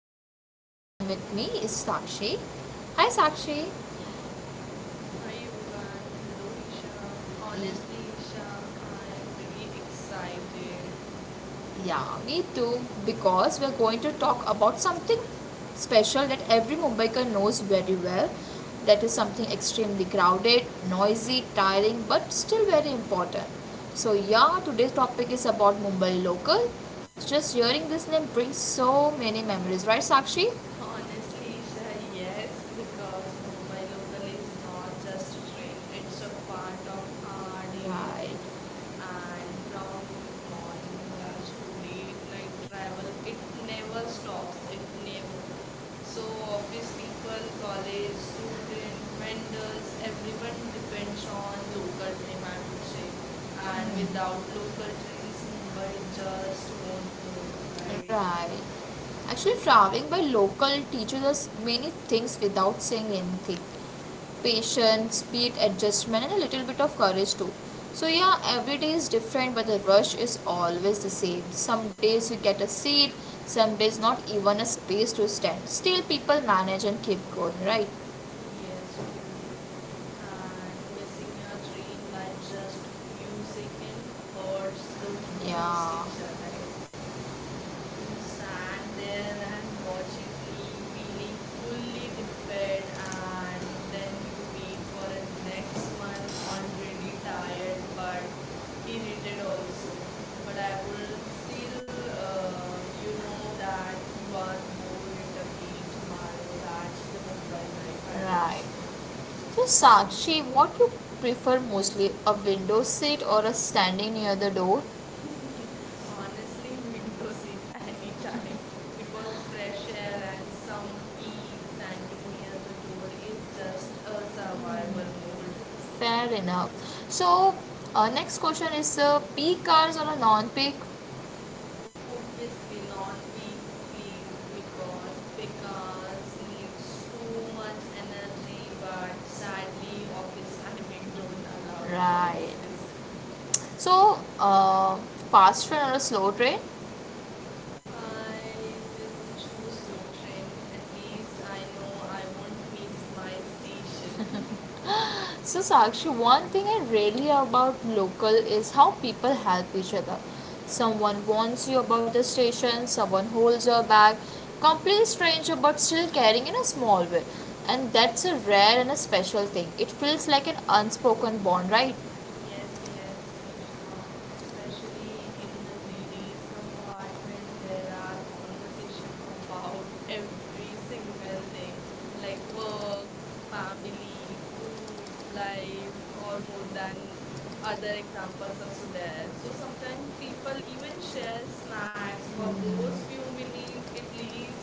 I am Isha and with me is Sakshi. Hi Sakshi. Hi everyone, hello Isha. Honestly, Y- Isha, I am very excited. Yeah, me too because we are going to talk about something special that every Mumbaiker knows very well. That is something extremely crowded, noisy, tiring but still very important. So yeah, today's topic is about Mumbai local. Just hearing this name brings so many memories, right Sakshi? Honestly, Isha, yes, because Mumbai local is not just a train, it's a part of our daily life. And from morning class to late night travel, it never stops, it never. So, office people, college student, vendors, everyone depends on local train, I would say. And without local trains, Mumbai just won't move, right? Right. Right. Actually, traveling by local teaches us many things without saying anything patience, speed, adjustment, and a little bit of courage too. So, yeah, every day is different, but the rush is always the same. Some days you get a seat, some days not even a space to stand. Still, people manage and keep going, right? Yes, true. And missing your train by just few seconds hurts the most, Yeah. Isha, right? You stand there and watch it leave, feeling fully defeated, and then you wait for a next one, already tired but irritated also. But I will uh, still, that you are bored it again tomorrow. That's the Mumbai life, I would Right. say. So, Sakshi, what you prefer mostly, a window seat or a standing near the door? Honestly, window seat anytime because fresh air and some bee standing near the door is just a survival mode. Fair enough. So, next question is peak hours or a non peak? Obviously, non-peak, please, because pecans needs too much energy, but sadly, office timing don't allow Right. choices. So, fast train or a slow train? I will choose slow train. At least I know I won't miss my station. So, Sakshi, one thing I really about local is how people help each other. Someone warns you about the station, someone holds your bag, complete stranger but still caring in a small way. And that's a rare and a special thing. It feels like an unspoken bond, right? Yes, Stress yes, Isha. Especially in the ladies' compartment, there are conversation about every single thing, like work, family, food, life, or more than other examples also there. So sometimes people even share snacks for those few minutes. It leaves,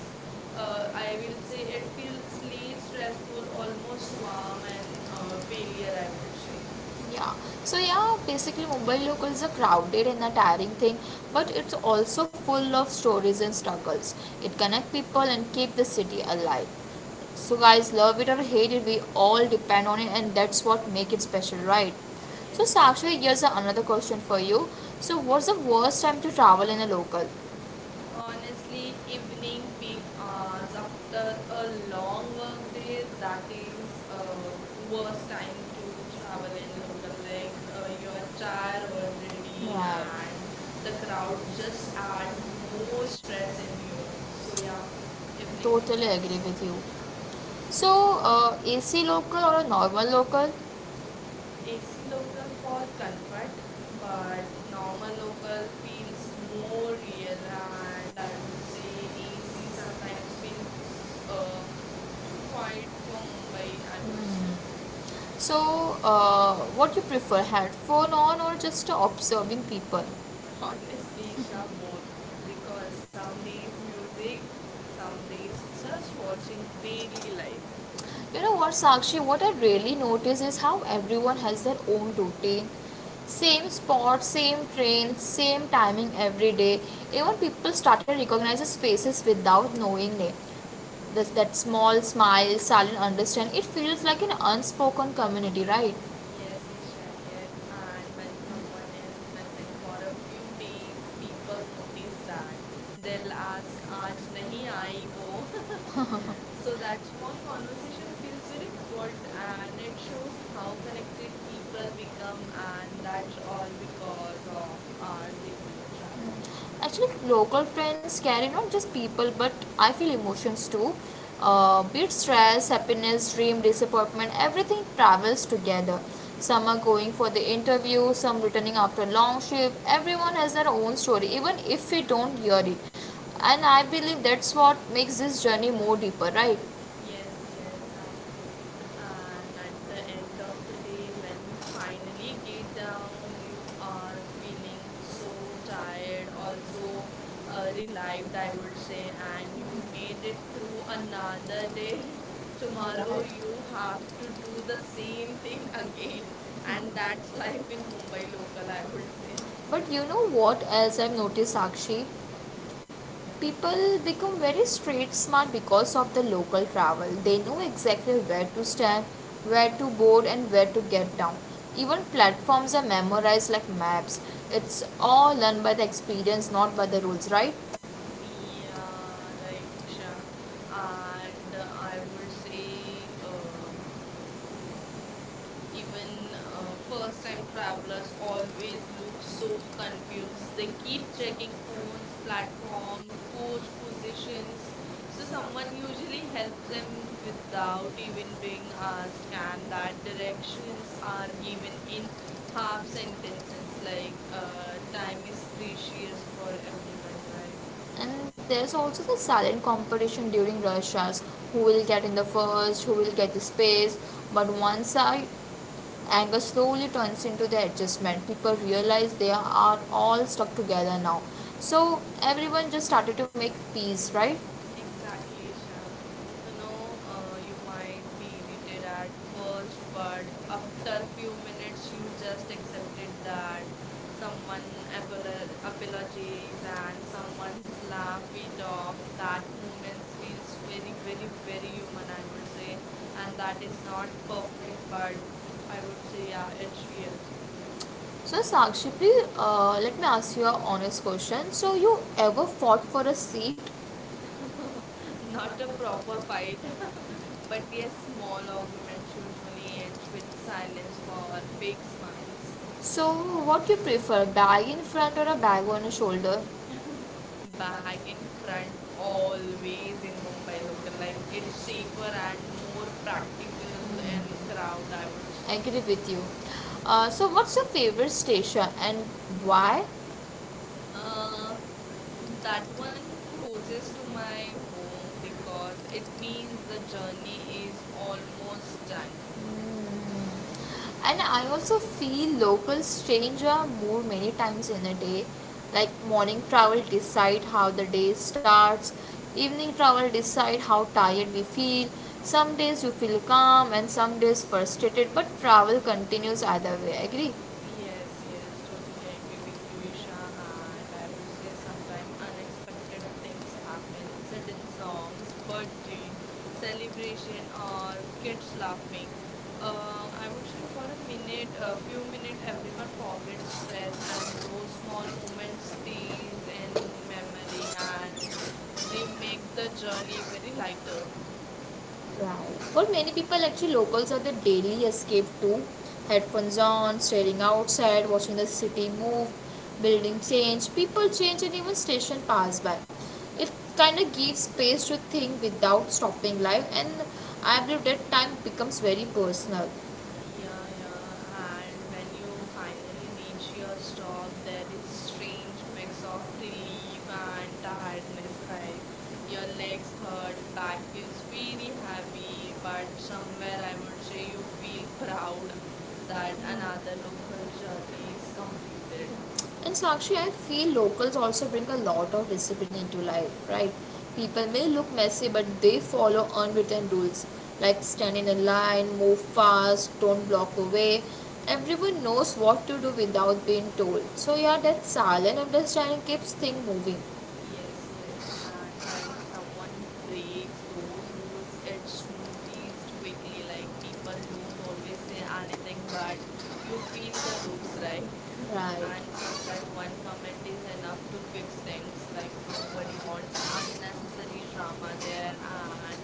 uh, I will say, it feels was least stressful, almost almost calm warm and and being failure. I at would say. yeah. So yeah, basically Mumbai local is a crowded and a tiring thing, but it's also full of stories and struggles. It connects people and keep the city alive. So guys, love it or hate it, we all depend on it, and that's what make it special, right? So Yes, yes. Sakshi, here's another question for you. So what's the worst time to travel in a local? Honestly, Honestly, evening evening peak hours hours after after a a long long work work day, day, that that is is uh, uh, worst worst time time to to travel travel in in local. London. Like Like uh, you you're are tired tired already, already, right, and and the the crowd crowd just just add add more more stress stress in in you. here. So So yeah, yeah, evening peak totally hours. agree with you. Yeah. So, AC local or a normal local? It's AC local local for for comfort, Kalpat, but but normal normal local local feels is more more real, real, and and I I would would say say AC it's sometimes sometimes feels it's uh, too quiet a. for Mumbai, I would say. So, what you prefer, headphone on or just observing people? Honestly, Obviously, Shah, Some both, because some some days days music, music, some some days days just just watching watching daily big life. light. You know what, Sakshi, what I really notice is how everyone has their own routine. Same spot, same train, same timing every day. Even people started recognizing faces without knowing name. This, that small smile, silent understand, it feels like an unspoken community, right? Yes, Isha, yes. And when someone is missing for a few days, people notice that. They'll ask, Aaj nahi aayi wo. So that more So funds can that be small conversation feels very taken for good and it shows actual how connected projects people that become, and become that's life all altering because for of our daily travel. the community. Mm. Actually, local trends carry not just people but I feel emotions too. Be it stress, happiness, dream, disappointment, everything travels together. Some are going for the interview, some returning after long shift. Everyone has their own story, even if we don't hear it. And I believe that's what makes this journey more deeper, right? Yes, yes, I agree. And at the end of the day, when you finally get down, you are feeling so tired, also relieved, I would say, and you made it through another day. Tomorrow, you have to do the same thing again, and that's life in Mumbai local, I would say. But you know what else I've noticed, Sakshi? Yeah. People become very street smart because of the local travel. They know exactly where to stand, where to board, and where to get down. Even platforms are memorized like maps. It's all learned by the experience, not by the rules, right? Yeah, right, Isha. And I would say, Even first time travelers always look so confused. They keep checking phones, platform, coach positions. So someone usually helps them without even being asked, and that directions are given in half Mom sent me sentences today, like uh, time that is this issue precious is for for everyone, right? everything, and there's also the silent competition during rush hours, who will get in the first, who will get the space, but once I anger slowly turns into the adjustment, people realize they are all stuck together now, so everyone just started to make peace, right? Exactly, Isha. You know, you might be irritated at first, but after few minutes, you just accepted that someone apologies and someone's laugh it off. That moments feels very, very, very human, I would say, and that is not perfect, but I would say, yeah, it's real. So Sakshi, please let me ask you a honest question. So you ever fought for a seat Not not a the proper proper culture, fight, but but we yes, are small small arguments usually organizations. ends with silence for fake smiles. So, what do you prefer, bag in front or a bag on a shoulder? Bag in front always in Mumbai local, like it's safer and more practical and crowd, I would I say. agree with you. So, what's your favorite station and why? Uh, that one Mm. closest to my home because it means the journey is almost done. And I also feel locals change our mood many times in a day. Like morning travel decide how the day starts, evening travel decide how tired we feel. Some days you feel calm and some days frustrated, but travel continues either way. Agree? Yes, Yes, yes, yes. totally agree with you, Isha. And I will say sometime unexpected things happen, sudden songs, birthday, celebration, or kids laughing. I would say for a minute, a few minutes, everyone forgets stress, and those small moments stays in memory, and they make the Thank journey very lighter. you. Wow. For many people, actually, locals are the daily escape too. Headphones on, staring outside, watching the city move, building change, people change, and even station pass by. It kind of gives space to think without stopping life, and I believe that time becomes very personal. Yeah, yeah. And when you finally reach your stop, there is strange mix of relief and tiredness, right? Your legs hurt, back feels very heavy, but somewhere I would say you feel proud that Thank another local journey is completed. you. And Sakshi, I feel locals also bring a lot of discipline into life, right? People may look messy, but they follow unwritten rules like stand in a line, move fast, don't block the way. Everyone knows what to do without being told. So, yeah, that silent understanding keeps things moving. Yes, yes. And when someone breaks those rules, it's noticed quickly. Like people don't always say anything, but you feel the looks, right? And Right. sometimes one comment is enough to fix things. Like nobody wants unnecessary drama there, and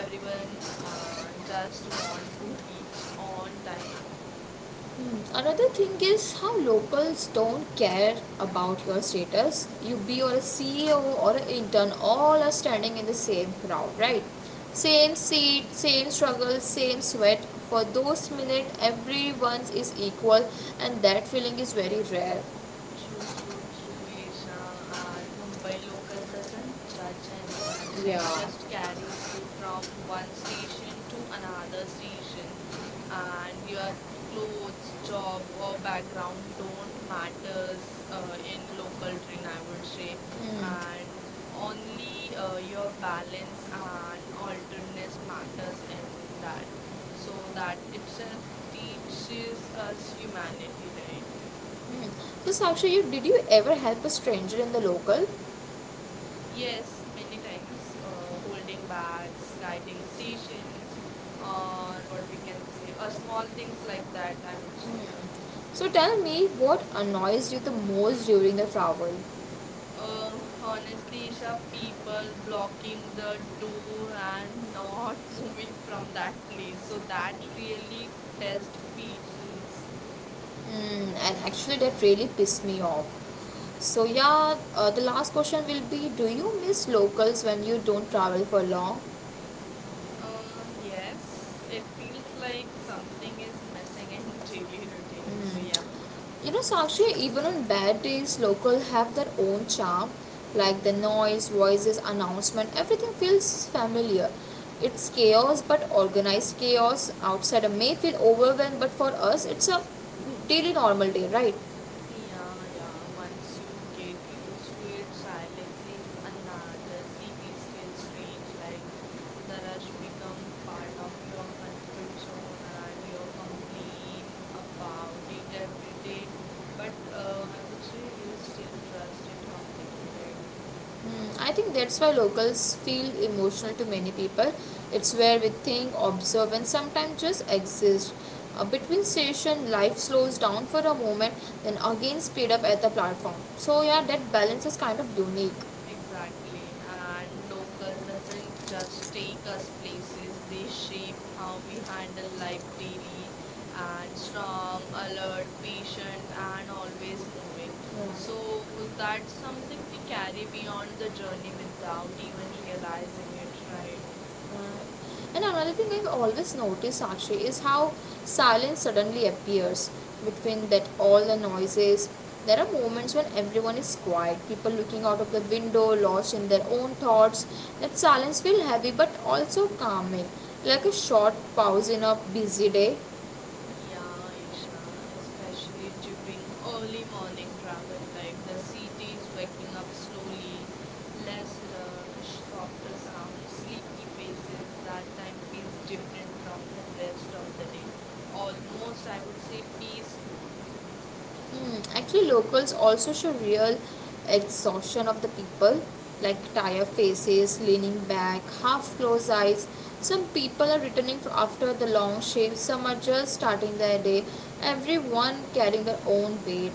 everyone just want to reach on Right. time. Hmm. Another thing is how locals don't care about your status. You be or a CEO or an intern, all are standing in the same crowd, right? Yeah. Same seat, same struggle, same sweat. For those minutes, everyone is equal, and that feeling is very rare. True, true, true, Isha. And Mumbai local doesn't judge anyone. Yeah. It just So. carries you from one station to another station. And your clothes, job, or background don't matters in local train, I would say. And only your balance and alertness matters in that. So that itself teaches us humanity, right? Hmm. So, Sakshi, you, did you ever help a stranger in the local? Yes, Yes, many times, holding bags, uh, guiding stations, or what we can say, small things like that, I would like. say, yeah. So, tell me what annoys you the most during the travel? Oh, Uh, honestly, Isha, people blocking the door uh, and not moving so from that place, so that so, really test patience. Mm, and actually, that really pissed me off. Yeah. So, yeah, the last question will be, do you miss locals when you don't travel for long? Uh, yes, it feels like something is missing in daily routine, so yeah. Hmm. You know, Sakshi, even on bad days, locals have their own charm. Like the noise, voices, announcement, everything feels familiar. It's chaos, but organized chaos. Outsider may feel overwhelmed, but for us, it's a daily normal day, right? Yeah, Thank yeah. Once you get used to it, silence is another. Cities feel strange, like the rush become part of your comfort zone, and you complain about it every day. But I would say you still trust it completely, right? you. Mm, I think that's why locals feel emotional to many people. It's where we think, observe, and sometimes just exist. Between station, life slows down for a moment, then again speed up at the platform. So yeah, that balance is kind of unique. Yeah, Exactly, and local doesn't just take us places, they shape how we handle life daily and strong, alert, patient, and always moving. So that's something we carry we can often, beyond the journey we without even can probably realizing it, will realize right? it, right. And another thing I've always noticed actually is how silence suddenly appears between that all the noises. There are moments when everyone is quiet, people looking out of the window, lost in their own thoughts. That silence feels heavy but also calming, like a short pause in a busy day. All Yeah, the. Isha, especially during early morning travel, like the city is waking up slowly, less rush, softer sounds, sleepy faces. That time feels different from the rest of the day. Almost, I would say, peaceful. Thank you. Mm, actually, locals also show real exhaustion of the people, like tired faces, leaning back, half closed eyes. Some people are returning after the long shift, some are just starting their day, everyone carrying their own weight.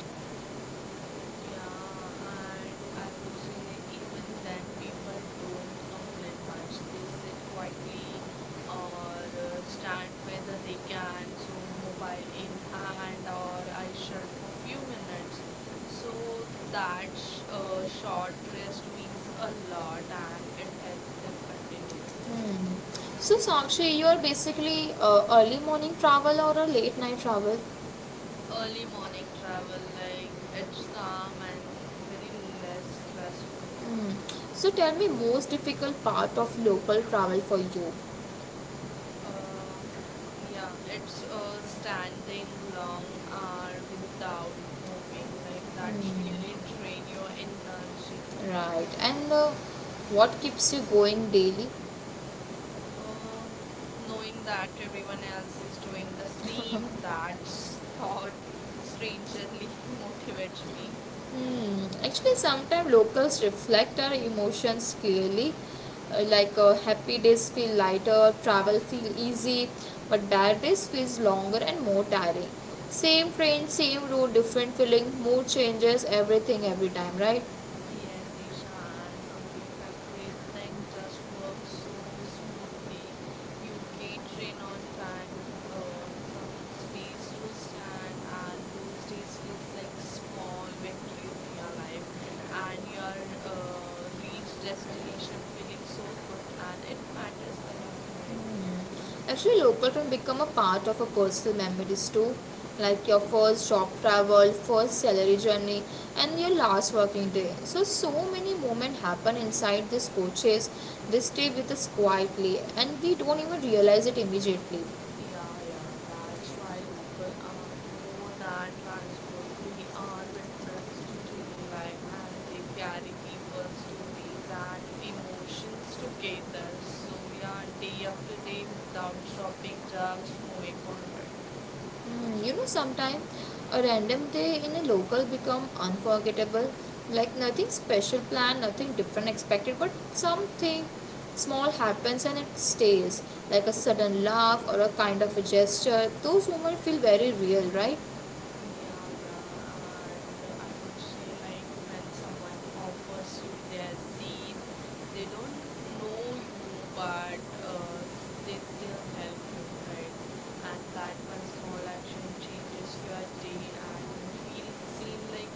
Yeah, and I would say even then people don't complain much. They sit quietly or stand whether they can, so mobile in hand or I shut for few minutes. So that sh short rest means a lot and it helps them continuous, right? Hmm. So, Sakshi, you are basically early morning travel or a late night travel? Early morning travel, like it's calm and very less stressful. Mm. So tell me most difficult part of local travel for you. Uh, yeah, it's standing long hour without moving. Like that's Mm. really drain your energy. Right. And what keeps you going daily? Um, Knowing that everyone else is doing the same, that's thought strangely motivates me. Hmm. Actually, sometimes locals reflect our emotions clearly. Like, happy days feel lighter, travel feel easy, but bad days feels longer and more tiring. Same train, same route, different feeling, mood changes, everything every time, right? Yes, Ishan. Some days everything just works so smoothly. ご視聴ありがと You うござ get train on time, uh, some space to stand, and those days feels like small victories in your life. And you are reached destination feeling い so good, and it ました matters a lot, right? Mm. Actually, local can become a part of a personal memories too, like your first job travel, first salary journey, and your last working day. So, so many moments happen inside these coaches. They stay with us quietly, and we don't even realize it immediately. Yeah, yeah, that's why local are more than transport. They are witness to daily life and they carry people's stories and emotions together. So, yeah, day after day without stopping, Thank just moving forward. you. Mm, you know, sometimes a random day in a local become unforgettable. Like nothing special planned, nothing different expected, but something small happens and it stays. Like a sudden laugh or a kind of a gesture. Those moments feel very real, right? Yeah, yeah, and I would say like Thank when you. someone offers you their seat, they don't know you, but they still help you, right? And that one small action changes your day, and you feel seen like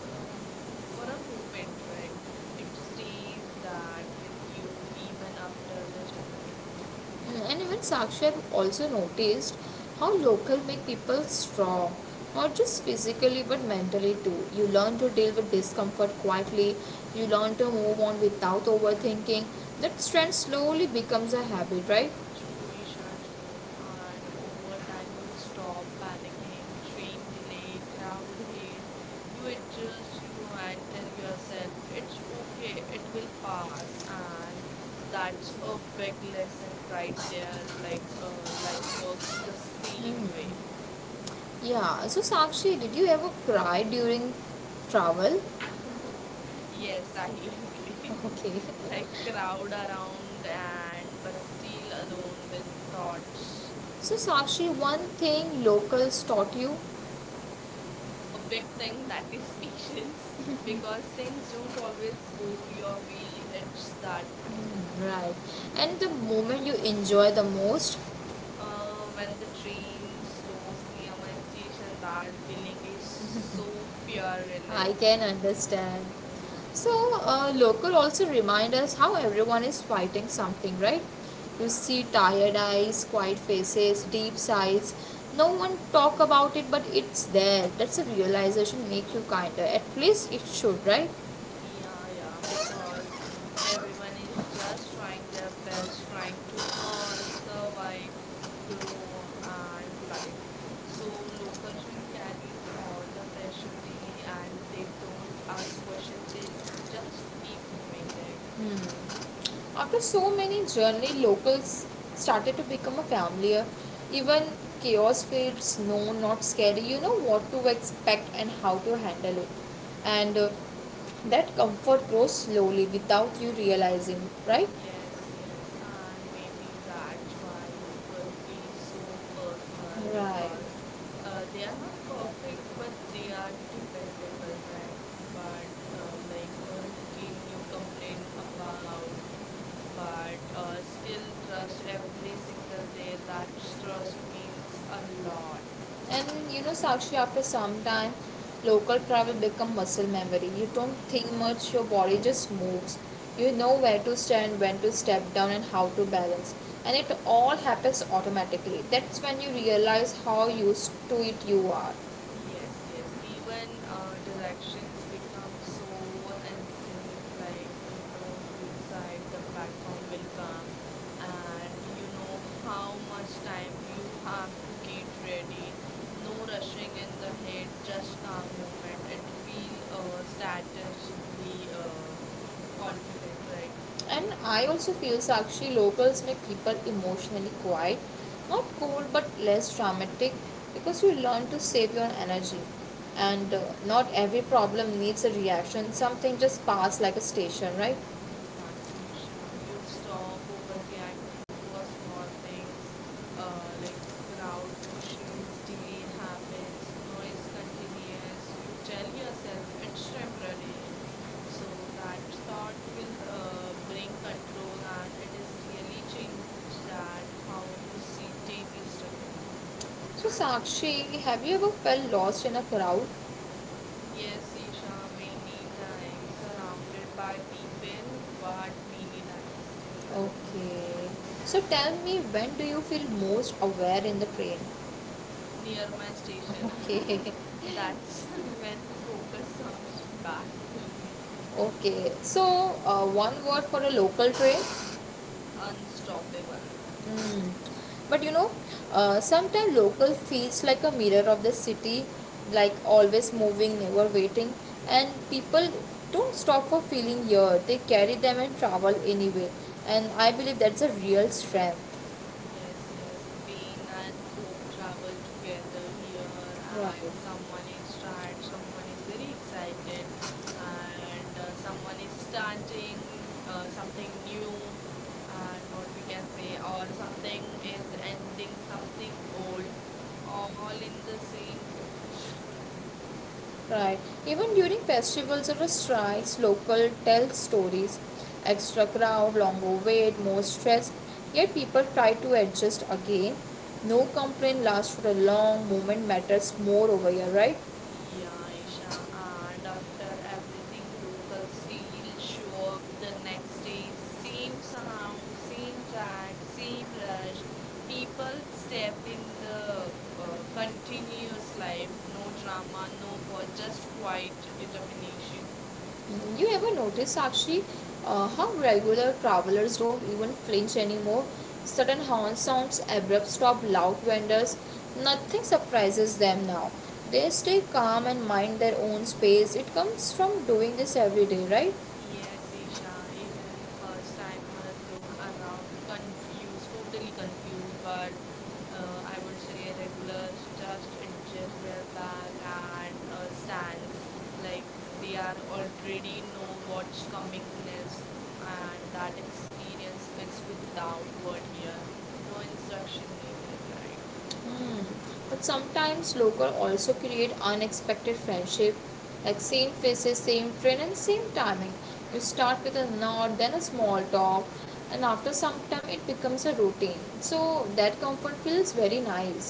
for a moment, right? It stays that with you even after the journey. And even Sakshi, also noticed how local make people strong, not just physically but mentally too. You learn to deal with discomfort quietly, you learn to move on without overthinking. That strength slowly becomes a habit, right? True, Isha, true. And over time, you stop panicking, train delay, crowd hate. You adjust you and tell yourself it's okay, it will pass. And that's a big lesson right there. Like, life works the same way. Hmm. Yeah. So Sakshi, did you ever cry during travel? Yes, silently. Okay. like, crowd around and but still alone with thoughts. So Sakshi, one thing locals taught you, right? A big thing that is patience because things don't always go your way. It's that fine. And the moment you enjoy the most? When the train slows near my station, that feeling is so pure relief. I can understand. yeah, So, local also remind us how everyone is fighting something, right? You yeah. see tired eyes, quiet faces, deep sighs. No one talk about it, but it's there. That's a realization make you kinder. At least it should, right? Yeah, yeah, because everyone is just trying their best, trying to earn, survive, grow, and live. So local train carries all the pressure daily, and they don't ask questions. They just keep moving, right? After so many journey, locals started to become a familiar. Even chaos feels no, not scary. You know what to expect and how to handle it, and that comfort grows slowly without you realizing, right? Yes, yes, and maybe that's why local feels so personal Right. because they are not perfect, but they are dependable, right? But like a routine you complain about, but still trust every single day. That trust means a lot. Thank you. And you know, Sakshi, after some time, local travel become muscle memory. You don't Yeah. think much, your body just moves. You know where to stand, when to step down, and how to balance. And it all happens automatically. That's when you realize how used to it you are. Yes, yes. Even directions become so instinct, like you know which side the platform will come, and you know how much time you have to get ready. No rushing in the head, just calm moment. It feel strategically uh, confident, right? And I also feel Sakshi locals make people emotionally quiet, not cold but less dramatic, because you learn to save your energy, and not every problem needs a reaction, something just pass like a station, right? Exactly, Isha. You stop overreacting to a small things, like crowd pushes, delay happens, noise continues. You tell yourself it's temporary, so that thought will bring control, and it is really change that how you see daily struggle. So, Sakshi, have you ever felt lost in a crowd? Yes, Isha, many times surrounded by people, but many times still alone. Okay. So tell me, when do you feel most aware in the train? Near my station. Okay. That's when focus comes back fully. Okay. So, one word for a local train? Unstoppable. Mm. But you know, sometimes local feels like a mirror of the city, like always moving, never waiting. And people don't stop for feeling here, they carry them and travel anyway. And I believe that's a real strength. Yes, yes. Pain and hope travel together here, and someone Right. is tired, someone is very excited, and someone is starting something new, and what we can say, or something is ending something old, all in the same coach. Right. Even during festivals or strikes, local tell stories. Extra crowd, longer wait, more stress. Yet people try to adjust again. No complaint lasts for a long moment matters more over here, right? Yeah, Isha, But and people after everything, local still show up the next day. Same sound, same track, same rush. People step in the like, continuous you life. No drama, no know, pause, just just like, quiet you determination. know, you ever notice, Sakshi, how regular travelers don't even flinch anymore? Sudden horn sounds, abrupt stop, loud vendors, nothing surprises them now. They stay calm and mind their own space. It comes from doing this every day, right? Yes, Thank Isha, even first timer look around confused, totally confused, but I would say regulars just adjust their back and stance like they are already know what's coming next, and that experience speaks without word here. No you. instruction needed, right? Hmm. But sometimes local also create unexpected friendship, like same faces, same train, and same timing. You start with a nod, then a small talk, and after some time it becomes a routine. So that comfort feels very nice.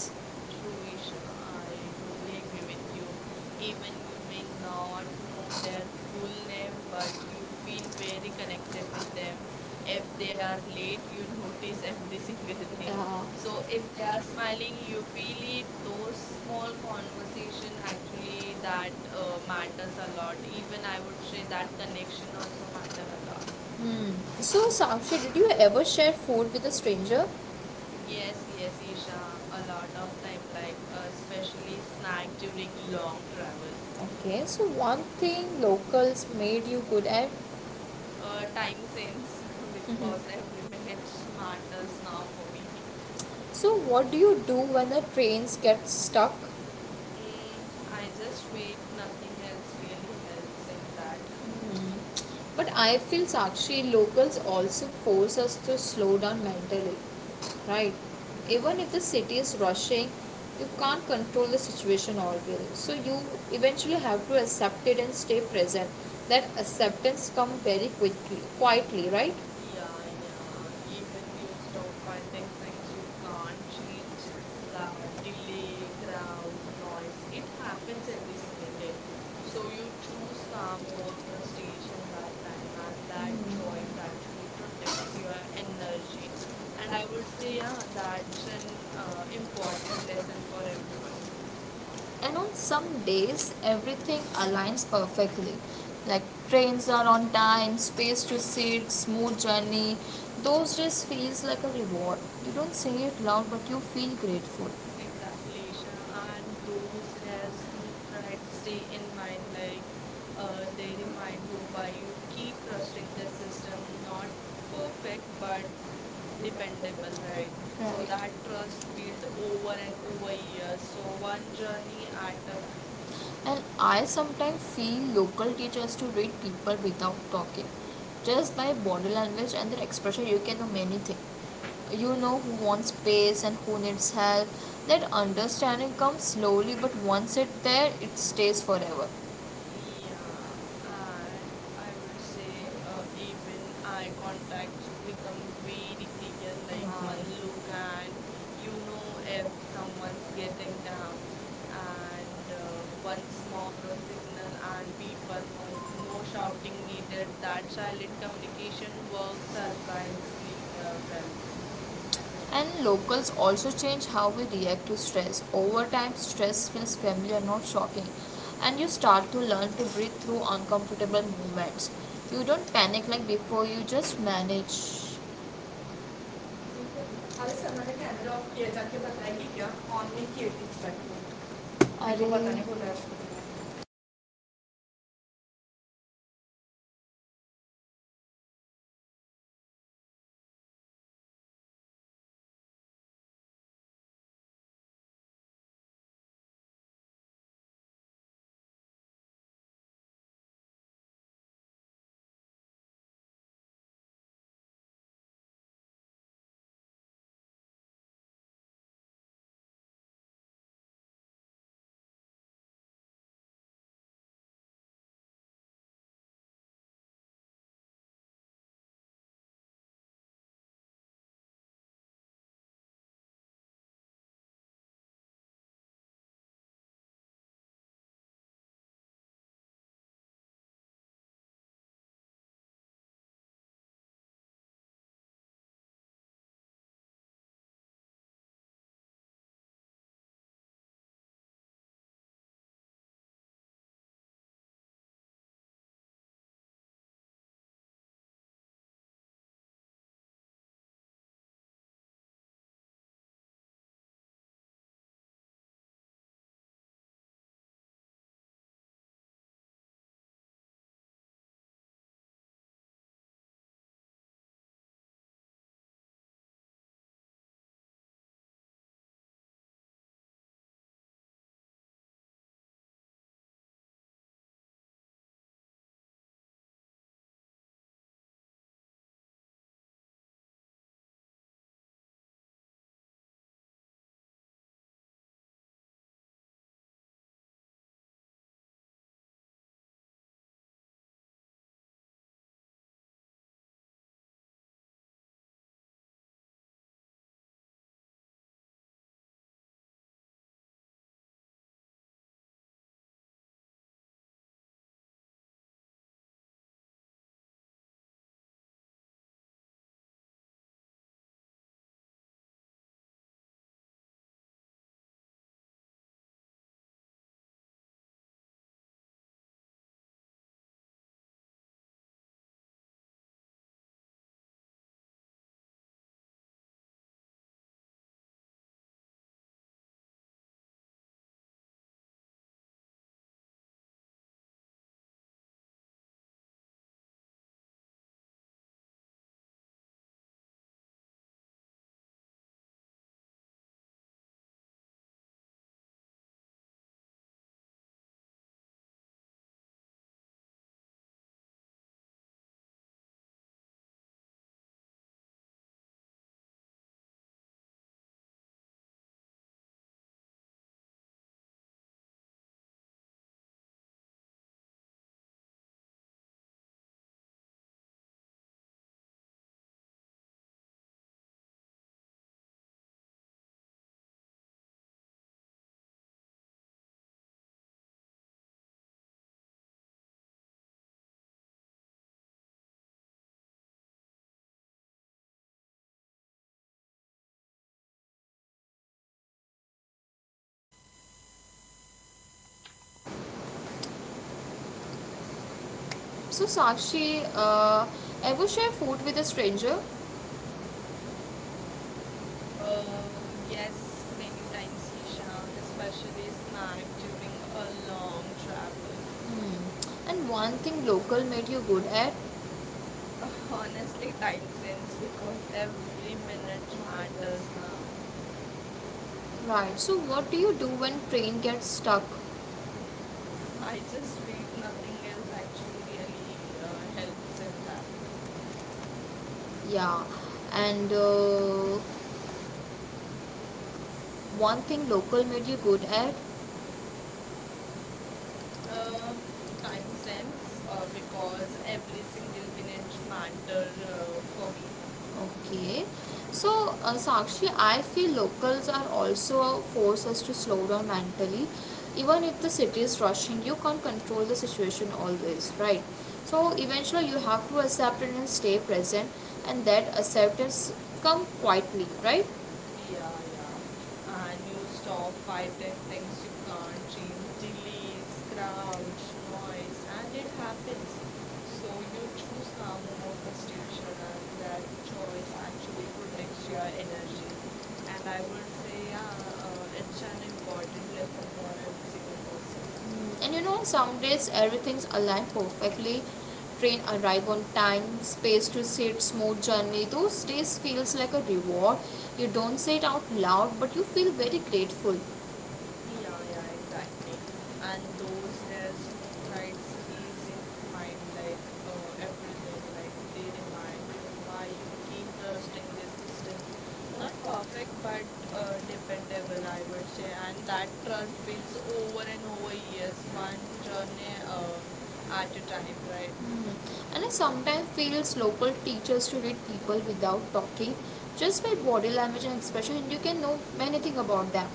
True, Isha. I totally agree with you. Even you may not know their full name, but you feel very connected with them. If they are Yeah. late, you notice every single thing. So if they are smiling, you feel it. Those small conversation actually that matters a lot. Even I would say that connection also matter a lot. Hmm. So, Sakshi, did you ever share food with a stranger? Yes, Yes, yes, yes, Isha. A lot of time, like especially uh, snack during long travel. Okay, so one thing locals made you good at. Uh, Time since Mhm. because every minute matters now for me. So, what do you do when the trains get stuck? Mm, I just wait, nothing else really helps in that. But I feel Sakshi locals also force us to slow down mentally, right? Yeah. Even if the city is rushing, you can't control the situation always. So you eventually have to accept it and stay present. That acceptance come very quickly, quietly, right? Yeah, yeah. Even イチゴイチゴイチゴイ you チゴ stop fighting things you can't change. The delay, crowd, noise. It happens every single day. So you choose calm over frustration that time, and that choice actually protects your energy. And I would say, yeah, that's an イチゴ important lesson for everyone. and on some days everything aligns perfectly like trains are on time space to sit smooth journey those days feels like a reward you don't say it loud but you feel grateful. Right. Exactly, Isha. And those rare smooth rides stay in mind. They remind you why you keep trusting the system. Not perfect, but dependable, right? So that trust built over and over years. So So one one journey at a time. and I sometimes feel local teachers to read people without talking. Just by body language and their expression, you can know many things. You know who wants space and who needs help. That understanding comes slowly, but once it's there, it stays forever. Thank you. Yeah, and I would say even eye contacts become very clear, like one look, and you know if someone's getting down, and one small signal, and people move. No shouting needed. That silent communication works surprisingly well. And locals also change how we react to stress. Over time, stress feels familiar, not shocking, and you start to learn to breathe through uncomfortable moments. You don't panic like before, you just manage. अरे sir मैंने camera off किया जाके बताएगी क्या on नहीं किए थी इस अरे। बताने बोला है। So, Sakshi, ever share food with a stranger? Uh, yes, many times, Isha, especially snack during a long travel. Hmm. And one thing local made you good at? Honestly, time sense because every minute matters now. Right. So what do you do when train gets stuck? I just read nothing else actually really helps in that. Yeah. And one thing local made you good at? Uh, Time sense because every single minute matter for me. Okay. So, Sakshi, I feel locals are also force us to slow down mentally. Even if the city is rushing, you can't control the situation always, right? Yeah. So, eventually, you have to accept it and stay present, and that acceptance come quietly, right? Yeah, yeah. And you stop fighting things you can't change, um, delays, crowds, noise, and it so happens. So you choose calm over frustration, so and that choice actually protects your energy. And I would And say, yeah, it's um, an important lesson for every single person. you know, on some days everything's aligned perfectly, train arrive on time space to sit smooth journey those days feels like a reward you don't say it out loud but you feel very grateful. Yeah, yeah, Hmm. exactly. And those rare smooth rides stays in mind like everything. Like they remind you why you keep trusting this system. Not perfect, but dependable, I would say. And that trust builds over and over years, one journey at a time, right? And I sometimes feels local teachers to read people without talking, just by body language and expression, and you can know many thing about them.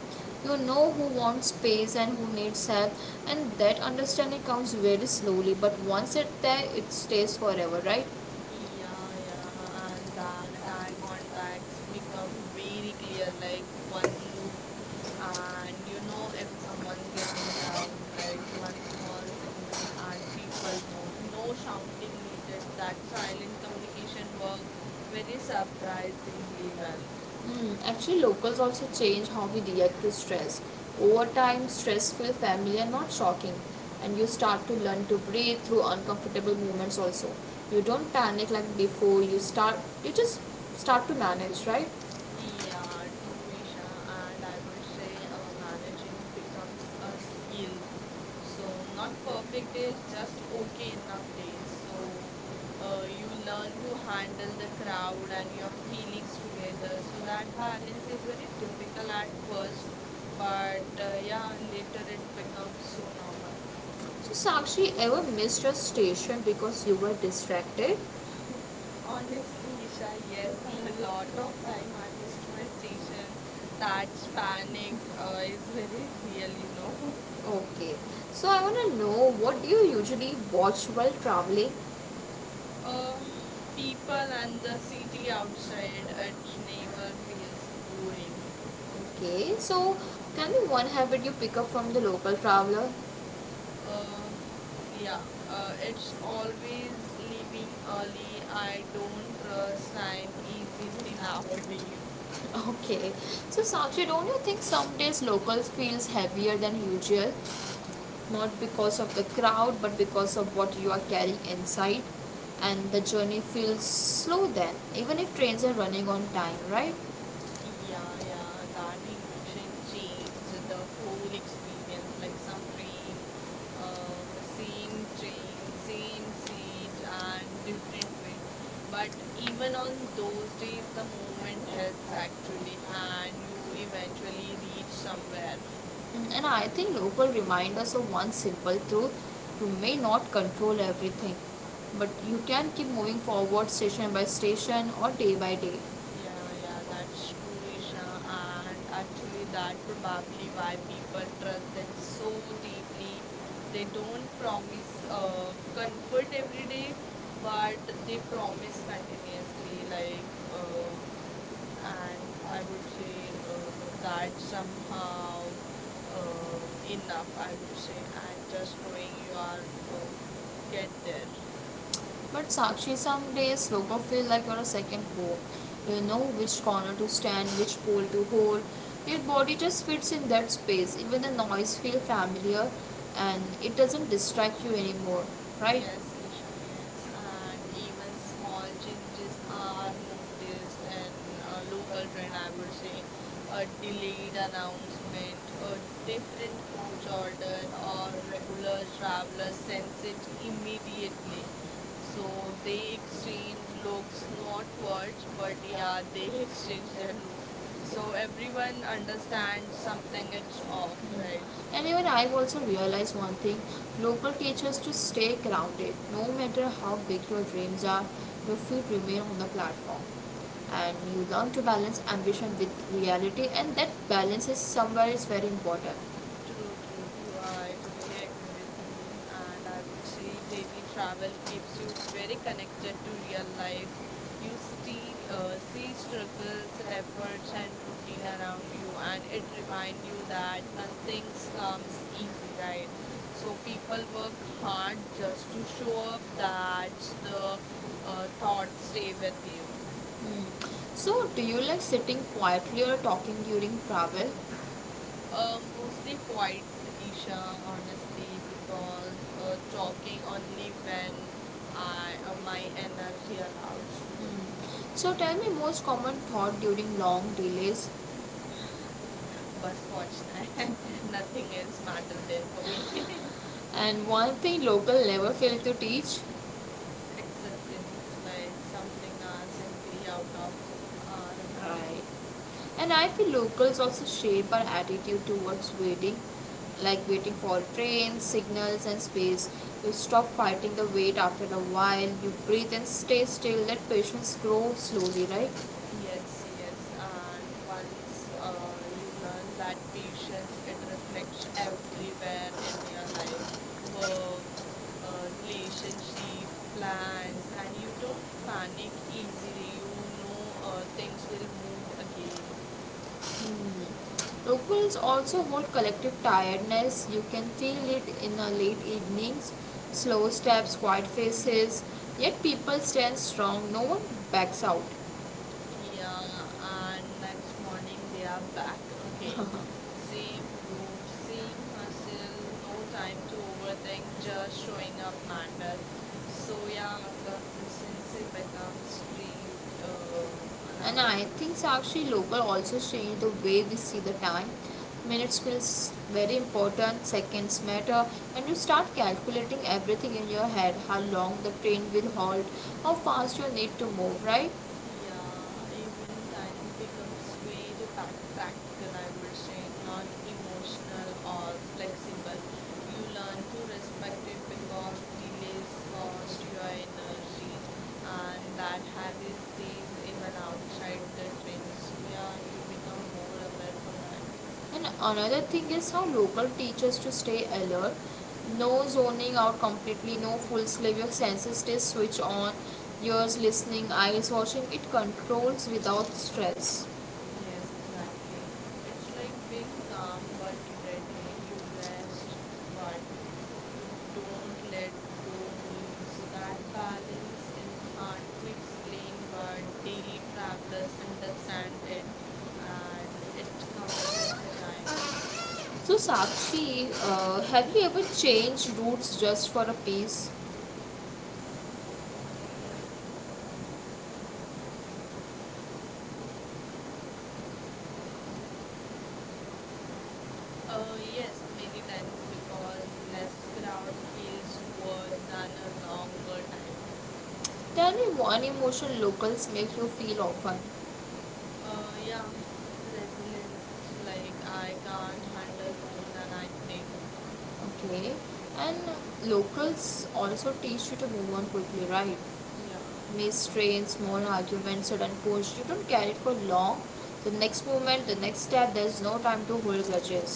You know who wants space and who needs help, and that understanding comes very slowly, but once it's there, it stays forever, right? Yeah, yeah, and that eye contacts become very clear, like one look, and you know if someone's getting down, like one small signal, and people move. No shouting needed. That silent communication worked very Self-drive into surprisingly them. well. Mm, actually, locals also change how we react to stress. Over time, stress feels familiar, and not shocking, and you start to learn to breathe through uncomfortable movements also. You don't panic like before, you just start to manage, right? Yeah, true, Isha. And I would say managing becomes a skill. So, So not perfect days, after just okay enough days. So, so you learn to like handle the crowd and your feelings together. So, that balance is very difficult at first, but yeah, later it becomes so normal. so So, Sakshi, ever missed your station because you were distracted? Honestly, Isha, yes, a lot of time I missed my station. That's panic is very real, you know. Okay. So I want to know what do you usually watch while traveling? Uh, people and the city outside, it never feels boring. Okay. So tell me one habit you pick up from the local traveler. Uh, Yeah, yeah, uh, it's it's always, always leaving early. I I don't don't trust time understand easily now. nowadays. Okay. So, Sakshi, don't you think some days locals feels heavier than usual? Yeah. Not because of the crowd, but because of what you are carrying inside, and the journey feels slow then, even if trains are running on time, right? Yeah, yeah, that emotion changed the whole experience. Like some train, uh, same train, same seat, and different weight. But even on those days, the movement helps actually, and you eventually reach somewhere. Mm, and I think Opal reminds us of one simple truth, you may not control everything, but you can keep moving forward station by station or day by day. Yeah, yeah, that's true, Isha. And actually, that probably why people trust them so deeply. They don't promise comfort every day, but they promise continuously. And I would say that somehow uh, enough. I would say, and just knowing you are get Thank you. there. But Sakshi, some days yoga feel like you're a second home. You know which corner to stand, which pole to hold. Your body just fits in that space. Even the noise feels familiar, and it doesn't distract you anymore, right? Yes, Isha, yes. And even small changes are noticed in a local trend, I would say. A delayed announcement, a different coach order, or regular travelers sense it immediately. So they exchange looks, not words, but yeah, they exchange their looks. So everyone understands something it's off, right? And even I've also realized one thing, local teachers to stay grounded, no matter how big your dreams are, your feet remain on the platform. And you learn to balance ambition with reality, and that balance is somewhere is very important. True, true, true. I totally agree with you. And I would say daily travel keeps you very connected to real life. You see struggles, efforts, and routine around you, and it reminds you that nothing comes easy, right? So people work hard just to show up that the thoughts stay with you. So, do you like sitting quietly or talking during travel? um, Mostly Mostly proactive quite measures Isha, for these honestly, people because who are dropping talking or only even when I remind my them back to energy their. allows to me. So tell me most common thought during long delays. Bas pahunchna hai. Nothing else matter then for me. And one thing local never fail to teach. Acceptance, like something are simply out of our hand. Right. And I feel locals also shape our attitude towards waiting, like waiting for trains, signals, and space. You stop fighting the wait after a while, you breathe and stay still, let patience grow slowly, right? Yes, Yes, yes, and yes, um, once you um, learn that patience, it reflects everywhere in your life, work, relationship, plans, and you don't panic easily. You know things will move again. Locals also hold collective tiredness. You can feel it in the late evenings, slow steps, quiet faces. Yet people stand strong, no one backs out. Yeah, and next morning they are back again. Same route, same hustle, no time to overthink, just showing up matters. So yeah, consistency becomes street And I nowadays. think so actually local also change the way we see the time. Minutes feels very important, seconds matter, and you start calculating everything in your head how long the train will halt, how fast you need to move, right? Yeah, even Thank time becomes very practical, I would say, not emotional or flexible. You learn to respect it because delays cost your energy, and that habit stays even outside the train. So, yeah, you become more aware for that. you and another thing is how local teachers to stay alert, no zoning out completely, no full slave, your senses stay switched on, ears listening, eyes watching, it controls without stress. Yes, exactly. It's like being calm but ready. You rest but you don't let go fully. So that balance is hard to explain, but daily travelers understand it and it comes with the time. So, Sakshi, have you ever changed routes just for a piece? Mm, yes, many times because less crowd feels worth than a longer time. Tell me one emotion locals make you feel often. Uh, yeah, Resilient. Like I can't handle more than I think. Okay, and locals also teach you to move on quickly, right? Yeah, May strain, small arguments, sudden push. You don't carry it for long. The next moment, the next step, there's no time to hold grudges.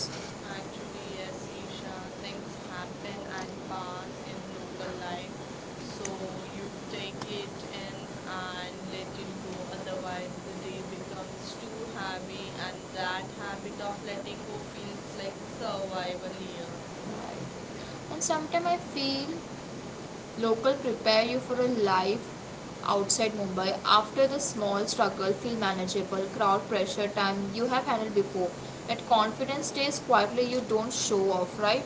actually, yes, Isha. Things happen and pass in local life, so you take it in and let it go. Otherwise, the day becomes too heavy, and that habit of letting go feels like survival here. And sometimes I feel local prepare you for a life outside Mumbai. After the small struggle, feel manageable, crowd pressure, time you have handled before. That confidence stays quietly, you don't show off, right?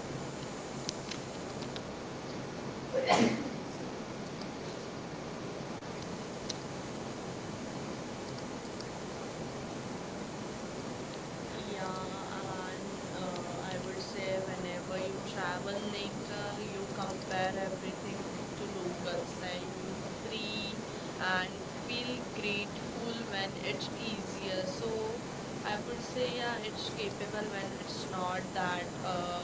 Yeah, and I would say whenever you travel later, you compare everything to locals. Like you free and feel grateful when it's easier. So I would say yeah, it's capable when it's not that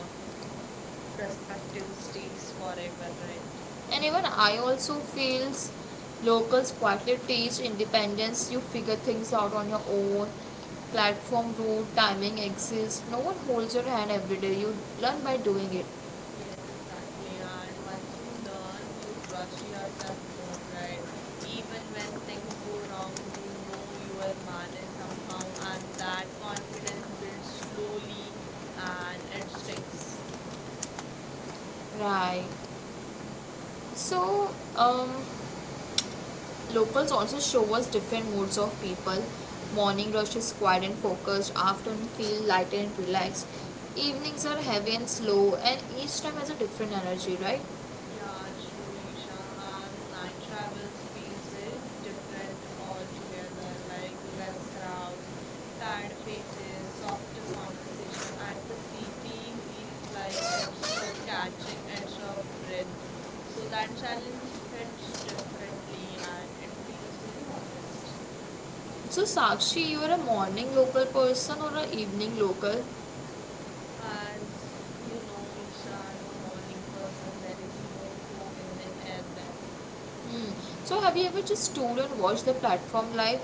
perspective Thank stays forever, right? you and even I also feels locals quietly teach independence, you figure things out on your own, platform route timing exists, no one holds your hand, every day you learn by doing it, Yes, exactly. And once you learn, you trust yourself more, right? Even when things go wrong, you know you will manage somehow, and that confidence builds slowly and it sticks. right? so um Locals also show us different moods of people. Morning rush is quiet and focused, afternoon feel lighter and relaxed, evenings are heavy and slow, and each time has a different energy, right? Yeah, true, Isha. And night travels feels very different altogether, like less crowd, tired faces, softer conversation. At the city feels like it's a catching, it's a breath. So that challenge hits differently and it feels very honest. So, Sakshi, you are a morning local person or a evening local? As you know, Isha, I'm a morning person. There is more hope in the air then. Hmm. So, have you ever just stood and watched the platform live?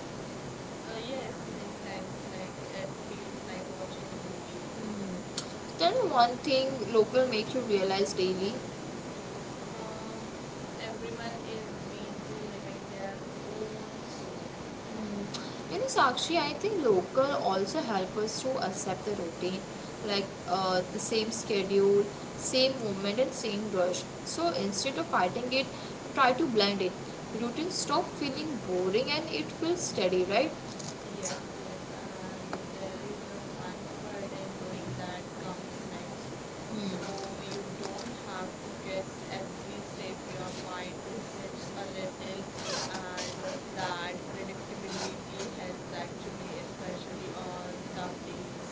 Yes, many times, like it feels like watching a movie. Hmm. Tell me one thing local make you realize daily. Uh, everyone is busy living their own story. You know, Sakshi, I think local also help us to accept the routine, like the same schedule, same movement, and same rush. So instead of fighting it, try to blend it. Routine stop feeling boring and it feels steady, right? Yes, yes, and there is a comfort in knowing that comes next. So you don't have to guess every step, your mind resets a little, and that predictability helps actually, especially on tough days.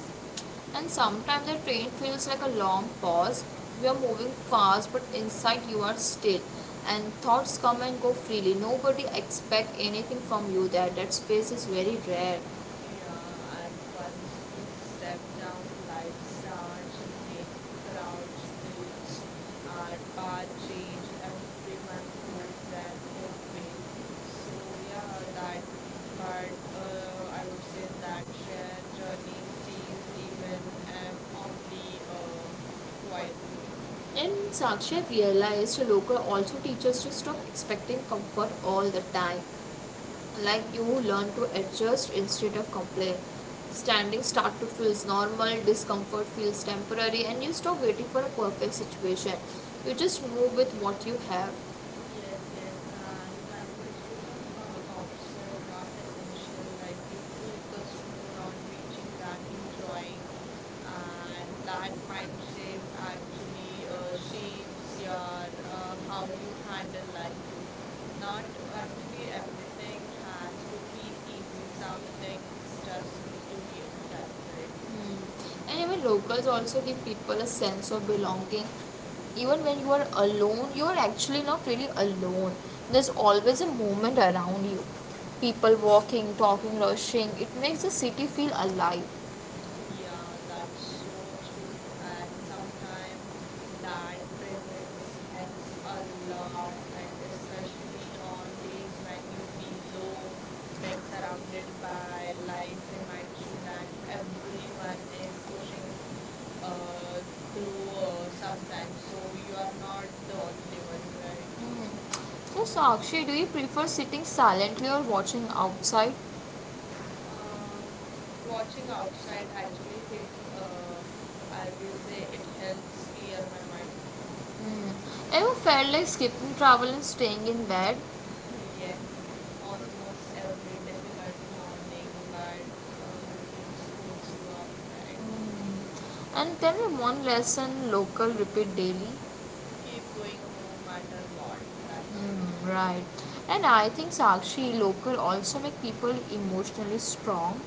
And sometimes the train feels like a long pause. You are moving fast, but inside you are still. And thoughts come and go freely. Nobody expect anything from you there. That space is very rare. Yeah, and once you step down, life starts again. Crowds build and path change. Everyone goes their own way. So yeah, that. But I would say that share journey stays even if only Thank quietly. you. And Sakshi had realized Loka also teaches to stop expecting comfort all the time. Like you learn to adjust instead of complain. Standing start to feels normal, discomfort feels temporary, and you stop waiting for a perfect situation. You just move with what you have. Yes, yes, and comforts become optional, not essential. Like you focus more on reaching that, enjoying, and that mind shape actually shapes your how you handle life too. Not actually everything has to feel easy. Some things just need to be done, right? And even locals also give people a sense of belonging, even when you are alone you're actually not really alone, there's always a movement around you, people walking, talking, rushing, it makes the city feel alive. Yeah, that's so true. And sometimes that presence helps a lot, like especially on days when you feel low, being surrounded by life reminds you that everyone is pushing uh, through sometimes, so you are not the only one, right? Hmm. So, Sakshi, do you prefer sitting silently or watching outside? Uh, watching Watching outside outside and actually hit, meditating on uh, I and will gazing say it at the helps clear sphere of my the mind. mind. Mm. Ever felt like skipping travel and staying in bed? Yes, Yes. almost every difficult morning, but routines pulls you up, right? Almost every day that I travel, I. Mm. And tell me one lesson local repeat daily. Keep going no matter what. That's it. Mm, right. And I think Sakshi local also make people emotionally strong,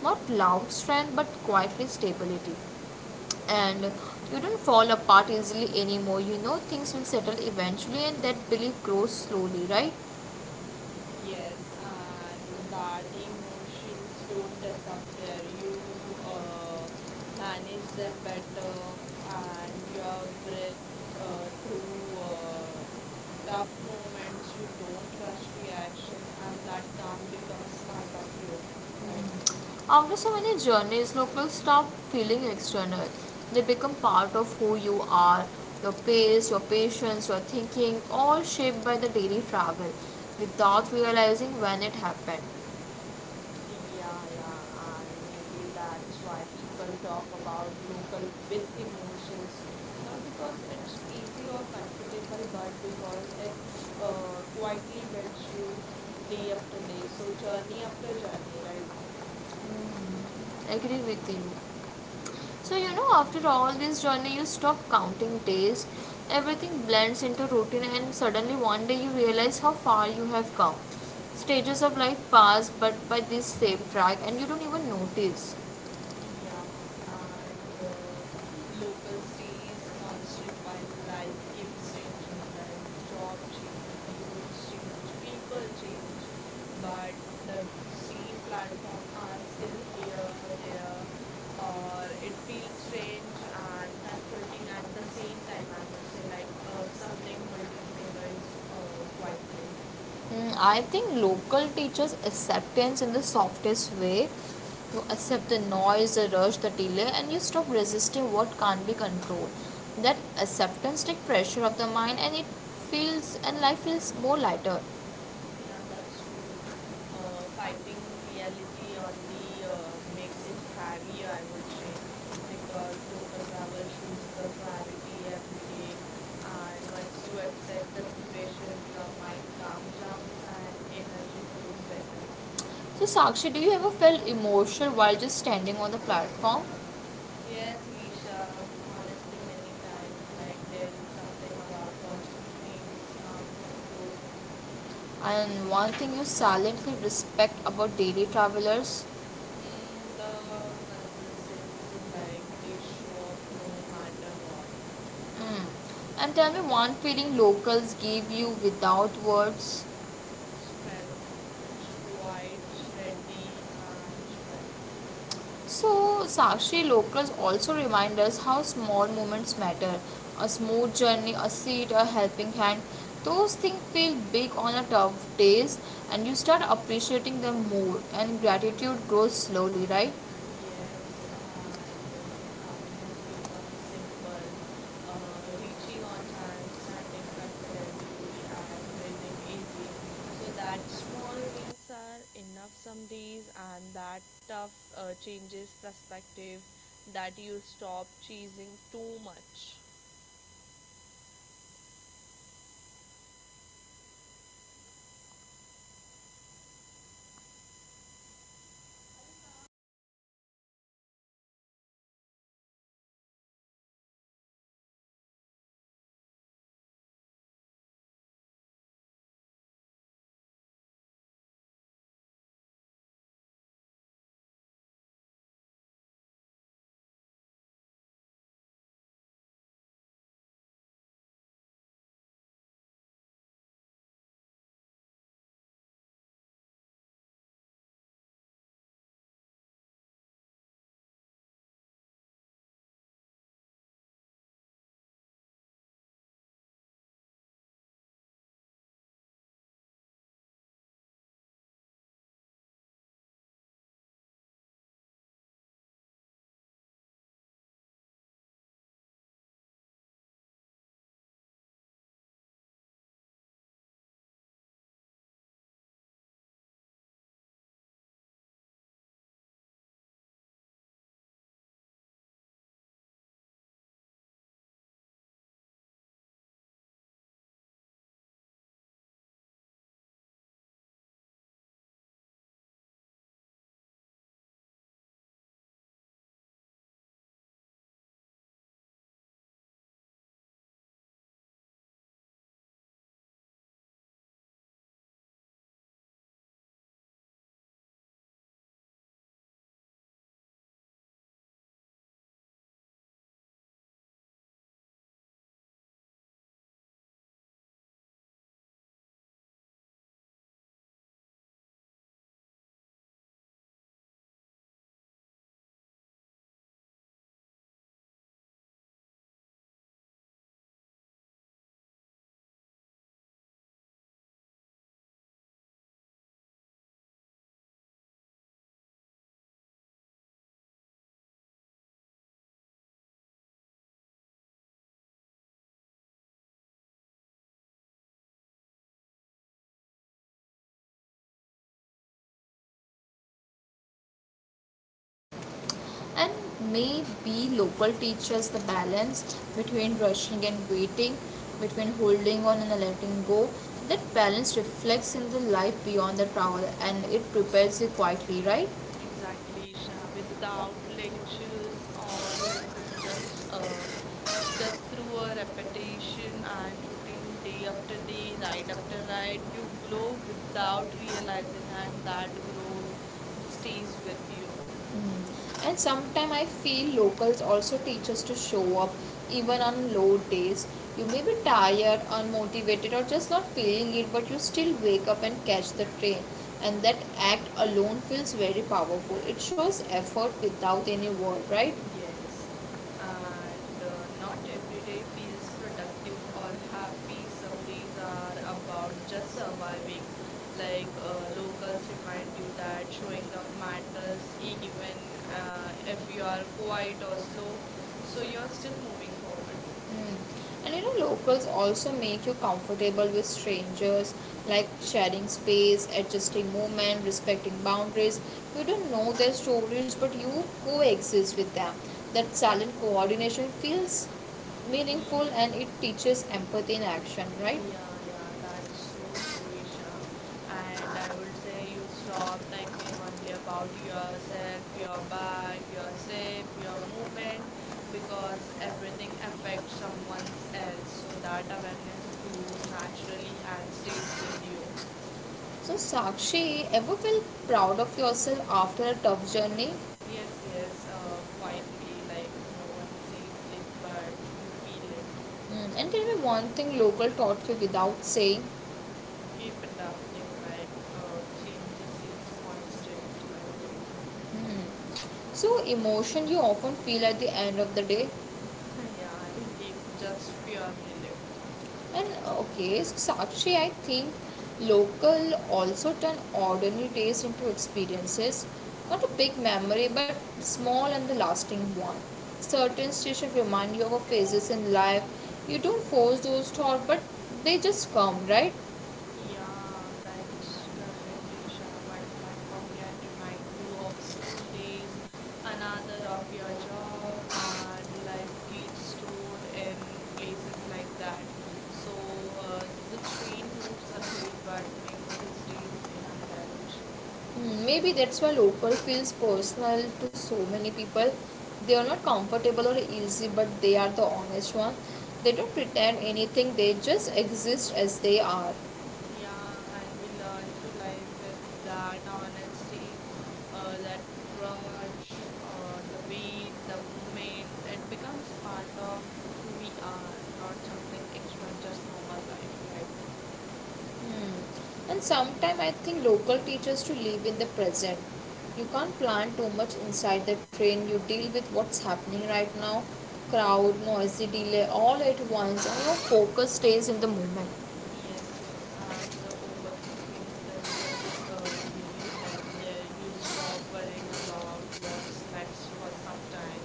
not loud strength but quietly stability. And you don't fall apart easily anymore. You know things will settle eventually, and that belief grows slowly, right? Yes, Thank and that emotions don't disappear. You uh, manage them better, and your breath through tough moments. You don't rush reaction, and that calm becomes part of you, right? you. After so many journeys, locals stop feeling external. They become part of who you are. Your pace, your patience, your thinking, all shaped by the daily travel without realizing when it happened. Yeah, yeah, and maybe that's why people talk about local with emotions, not because it's easy or comfortable, but because it quietly builds you day after day. So journey after journey, right? Agree with you. So, you know, after all this journey, you stop counting days, everything blends into routine, and suddenly one day you realize how far you have come. Stages of life pass, but by this same track, and you don't even notice. Yeah, Something and local stays, constant while life keeps changing, right? Job change, roles change, people change, but the same platform are still here, there, or it feels strange and comforting at the same time, I would say, like something holding memories that quietly. I think local teachers acceptance in the softest way. You accept the noise, the rush, the delay, and you stop resisting what can't be controlled. That acceptance takes pressure off the mind, and it feels and life feels more lighter. Yeah, that's true. Fighting reality only makes it heavier, I would say, because local travel shows the clarity every day, and once you accept the situation, your mind calms down and energy flows better. So, Sakshi, do you ever feel emotional while just standing on the platform? Yes, Isha, honestly, many times, like there is something about watching trains comes and go. And one thing you silently respect about daily travelers. Mm, the consistency, like they show up no matter what. Mm. And tell me one feeling locals give you without words. Strength. It's quite steady and strength. So, Sakshi, locals also remind us how small moments matter. A smooth journey, a seat, a helping hand. Those things feel big on a tough days, and you start appreciating them more, and gratitude grows slowly, right? Yes, and happiness becomes simple. Reaching on time, standing comfortably, and breathing easy. So that small wins are enough some days, and that tough changes perspective. That you stop chasing too much. And maybe local teaches the balance between rushing and waiting, between holding on and letting go. That balance reflects in the life beyond the travel, and it prepares you quietly, right? Exactly, Isha. Without lectures or lesson, just through a repetition and routine, day after day, ride after ride, you grow without realizing, and that growth stays with you. Mm. And sometimes I feel locals also teach us to show up even on low days. You may be tired, unmotivated, or just not feeling it, but you still wake up and catch the train, and that act alone feels very powerful. It shows effort without any word, right? Yes, and not every day feels productive or happy. Some days are So about just surviving. Like locals remind you that showing up matters even if you are quiet or slow, so you're still you're. moving forward. Mm. And you know, locals also make you comfortable with strangers, like sharing space, adjusting movement, respecting boundaries. You don't know their stories, but you coexist with them. That silent coordination feels meaningful, and it teaches empathy in action, right? Yeah, yeah, that's so true, Isha. And I would say you stop thinking only about yourself, your bag, your step, your movement, because everything affects someone else. So that awareness grows naturally and stays with you. So, Sakshi, ever felt proud of yourself after a tough journey? Yes, yes, quietly, like no one sees it, but you feel it. Mm, and tell me one thing local taught you without saying. Keep adapting, like changes is constant and local. Hmm. So, emotion you often feel at the end of the day. Yeah, relief, just pure relief. And okay, so Sakshi, I think local also turn ordinary days into experiences. Not a big memory, but small and the lasting one. Certain situations remind you of phases in life. You don't force those thoughts, but they just come, right? Yeah, that's correct, Isha. One platform can ご視聴ありがとうご remind ざ you of school days, another of your job, and life gets stored in places like that. So the train moves ahead, but いまし memory stays behind, I would た。say. Hmm, maybe that's why local feels personal to so many people. They are not comfortable or easy, but they are the honest one. They don't pretend anything, they just exist as they are. Yeah, and we learn to live with that honesty, that rush, the weight, the movement. It becomes part of who we are, not something extra, just normal life, right? Hmm. And sometimes I think local teachers to live in the present. You can't plan too much inside the train. You deal with what's happening right now, crowd, noisy delay, all at once, and your focus stays in the moment. Yes, yes, and the overthinking doesn't really help there. You stop worrying about what's next for some time,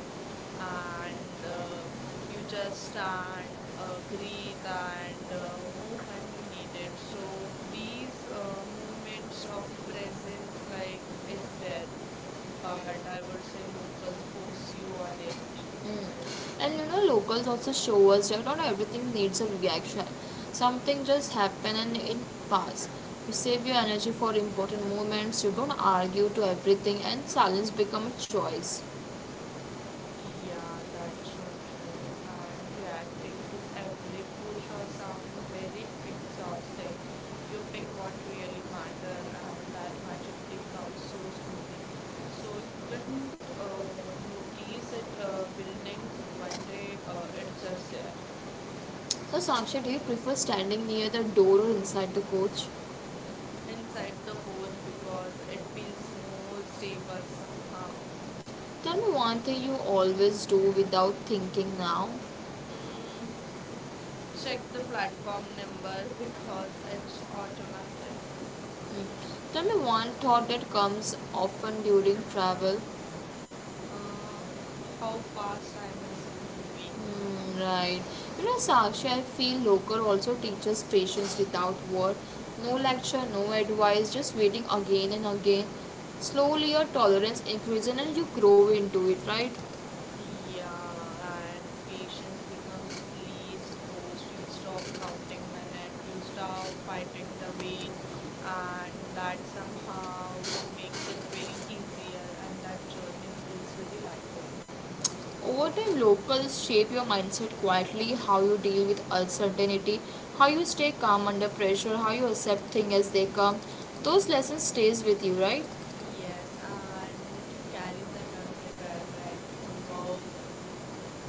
and you just stand, breathe, and move when you need it. So these moments of presence, is rare, but I would say locals force you on it, Mm. right? And you know, locals also show us that not everything needs a reaction. Something just happen and it pass. You save your energy for important moments. You don't argue to everything, and silence become a choice. Yeah, that's so true. And reacting to every push or sound very exhausting. You pick what really matter, and that maturity comes so slowly. So you didn't notice it building one day. It's just there So, Saksha, do you prefer standing near the door or inside the coach? inside the coach because it feels more stable somehow. Tell me one thing you always do without thinking now. Mm, check the platform number because it's automatic. Hmm. Tell me one thought that comes often during travel. uh, how fast time is moving. Mm, right. You know, Sakshi, I feel Lokar also teaches patience without word. No lecture, no advice, just waiting again and again. Slowly your tolerance increases, and you grow into it, right? Yeah, and patience becomes least forced. You stop counting minutes, you stop fighting the weight, and that somehow makes it very easier, and that journey feels very lighter. Over time, locals shape your mindset quietly, how you deal with uncertainty, how you stay calm under pressure, how you accept things as they come. Those lessons stays with you, right? Yes, and you carry them everywhere, right?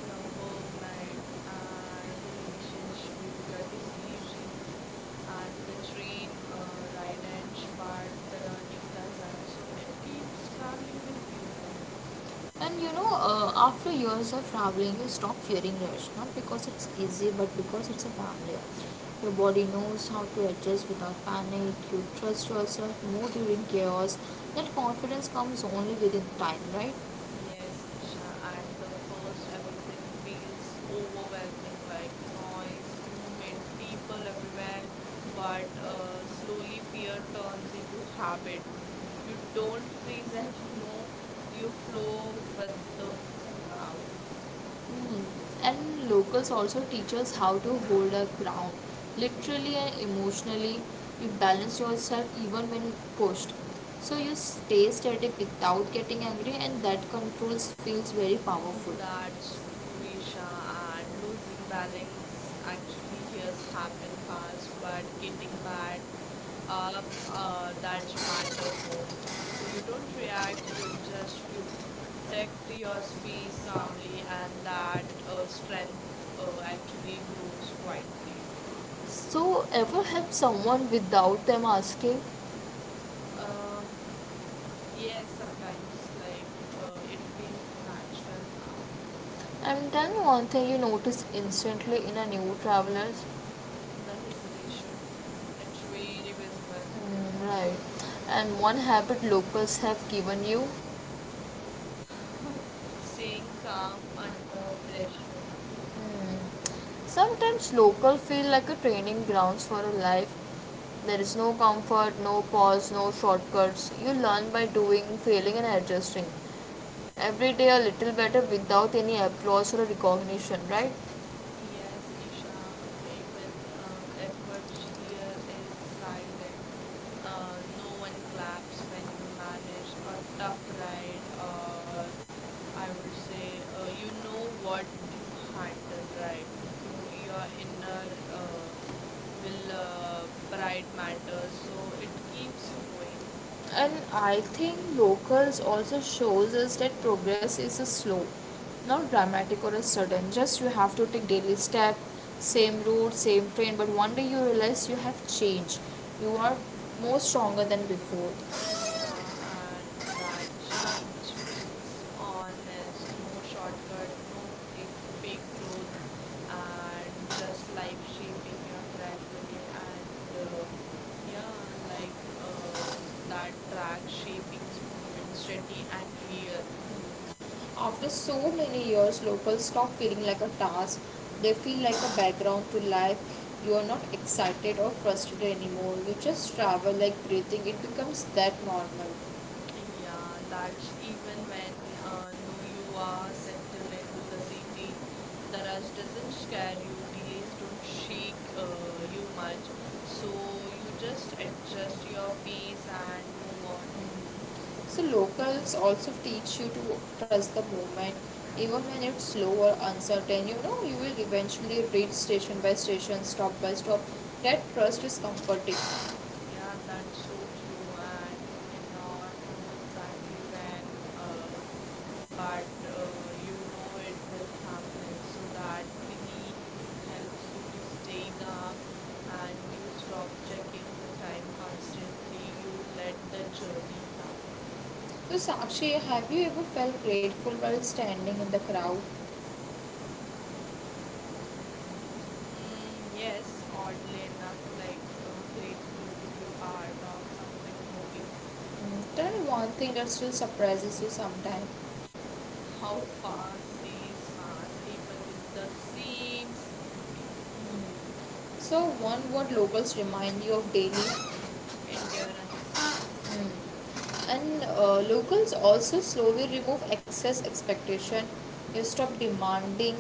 Your work life and relationship, your decisions, and the train ride ends, but the learning doesn't. So it keeps traveling with you, right? And you know, after years of traveling, you stop fearing rush, not because it's easy, but because it's a family. Your body knows how to adjust without panic. You trust yourself more during chaos. That confidence comes only within time, right? Yes, Thank Isha. At the first, everything feels overwhelming, like noise, movement, people everywhere. But slowly, fear turns into habit. You don't freeze anymore. You flow with the crowd. you. Hmm. And locals also teach us how to hold our ground, literally and emotionally. You balance yourself even when pushed. So you stay static without getting angry, and that controls feels very powerful. That's true, Isha. And losing balance actually here happen fast, but getting back up, that matter more. So you don't react, you adjust, you protect your space calmly, and that strength actually grows quietly. So, ever help someone without them asking? Uh, yes, sometimes like it feels natural now. I'm telling you one thing you notice instantly in a new traveler's. The hesitation, it's very visible. Mm, right. And one habit locals have given you. Staying calm under pressure. Hmm. Sometimes local feel like a training grounds for a life. There is no comfort, no pause, no shortcuts. You learn by doing, failing and adjusting. Every day a little better without any applause or a recognition, right? Yes, Isha, even Thank you. efforts here is silent. No one claps when you manage a tough ride, or I would say you know what you handle, right? You your inner uh, will pride matters, so it keeps you going. And I think locals also shows us that progress is a slow, not dramatic or a sudden, just you have to take daily step. Same route, same train, but one day you realize you have changed. You are more stronger than before. Yeah, and that change feels honest, no shortcut, no fake, fake growth, and just life shaping you gradually. And yeah, like uh, that track shaping movement steady and real. After so many years, locals stop feeling like a task. They feel like a background to life. You are not excited or frustrated anymore. You just travel like breathing. It becomes that normal. Yeah, that's even when no you are settled into the city, the rush doesn't scare you, delays don't shake you much, so you just adjust your Thank pace and move on. you. So locals also teach you to trust the movement, even when it's slow or uncertain. You know you will eventually reach station by station, stop by stop. That trust is comforting. Yeah, that's so true. And you may not know exactly when, uh, but you know it will happen. So that belief helps you to stay calm and you stop checking the time constantly. You let the journey happen. So, Sakshi, have you ever felt grateful while standing in the crowd? Mm, yes, Yes. oddly enough, like grateful to be part of something moving. Mm, tell me one thing that still surprises you sometimes. How fast days pass, even with the same s- routine. So, one word locals remind you of daily. Endurance. Mm. And locals also slowly remove excess expectation. You stop demanding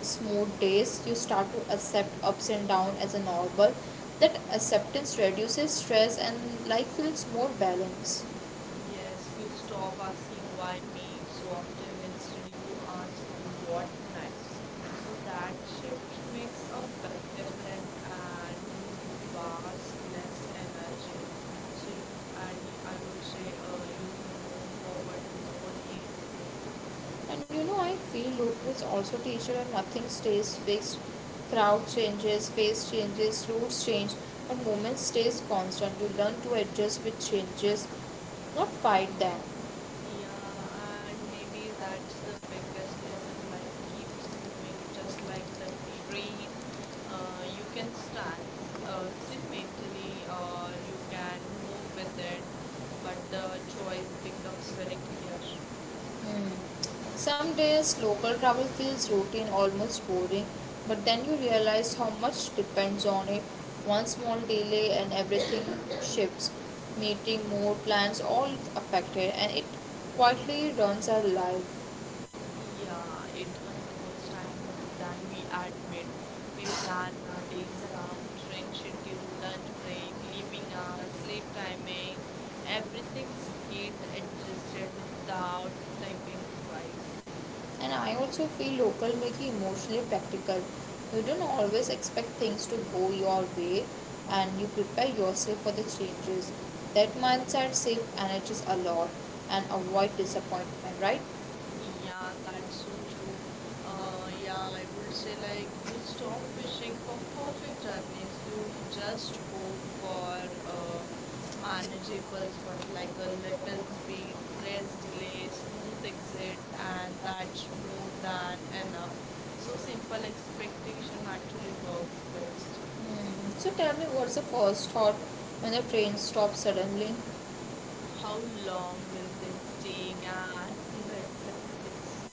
smooth days. You start to accept ups and downs as a normal. That acceptance reduces stress, and life feels more balanced. Thank you. Yes, you stop asking why me so often. Instead, you ask what next. So that shift makes a big difference, and you waste less energy. So you and I would say, you move forward more easily. And you know, I feel locals also teach you that nothing stays fixed. Crowd changes, face changes, routes change, but movement stays constant. You learn to adjust with changes, not fight them. Yeah, and maybe that's the biggest lesson. Life keeps moving just like the train. You can stand still mentally, or you can move with it, but the choice becomes very clear. Hmm. Some days local travel feels routine, almost boring, but then you realize how much depends on it. One small delay and everything shifts. Meeting, mood, plans, all affected, and it quietly runs our life. Yeah, it controls time more than we admit. We plan our days around train schedule, lunch break, leaving hours, sleep timing. Everything's get adjusted without thinking twice. And I also feel local make you emotionally practical. You don't always expect things to go your way, and you prepare yourself for the changes. That mindset saves energies a lot and avoid disappointment, right? Yeah, that's so true. Yeah, I would say like you stop wishing for perfect journeys. You just hope for uh, manageable ones like a little space, less delay, smooth exit, and that's more than enough. So simple expectation actually works best. Hmm. So tell me, what's the first thought when the train stops suddenly? How long will this take? And the acceptance.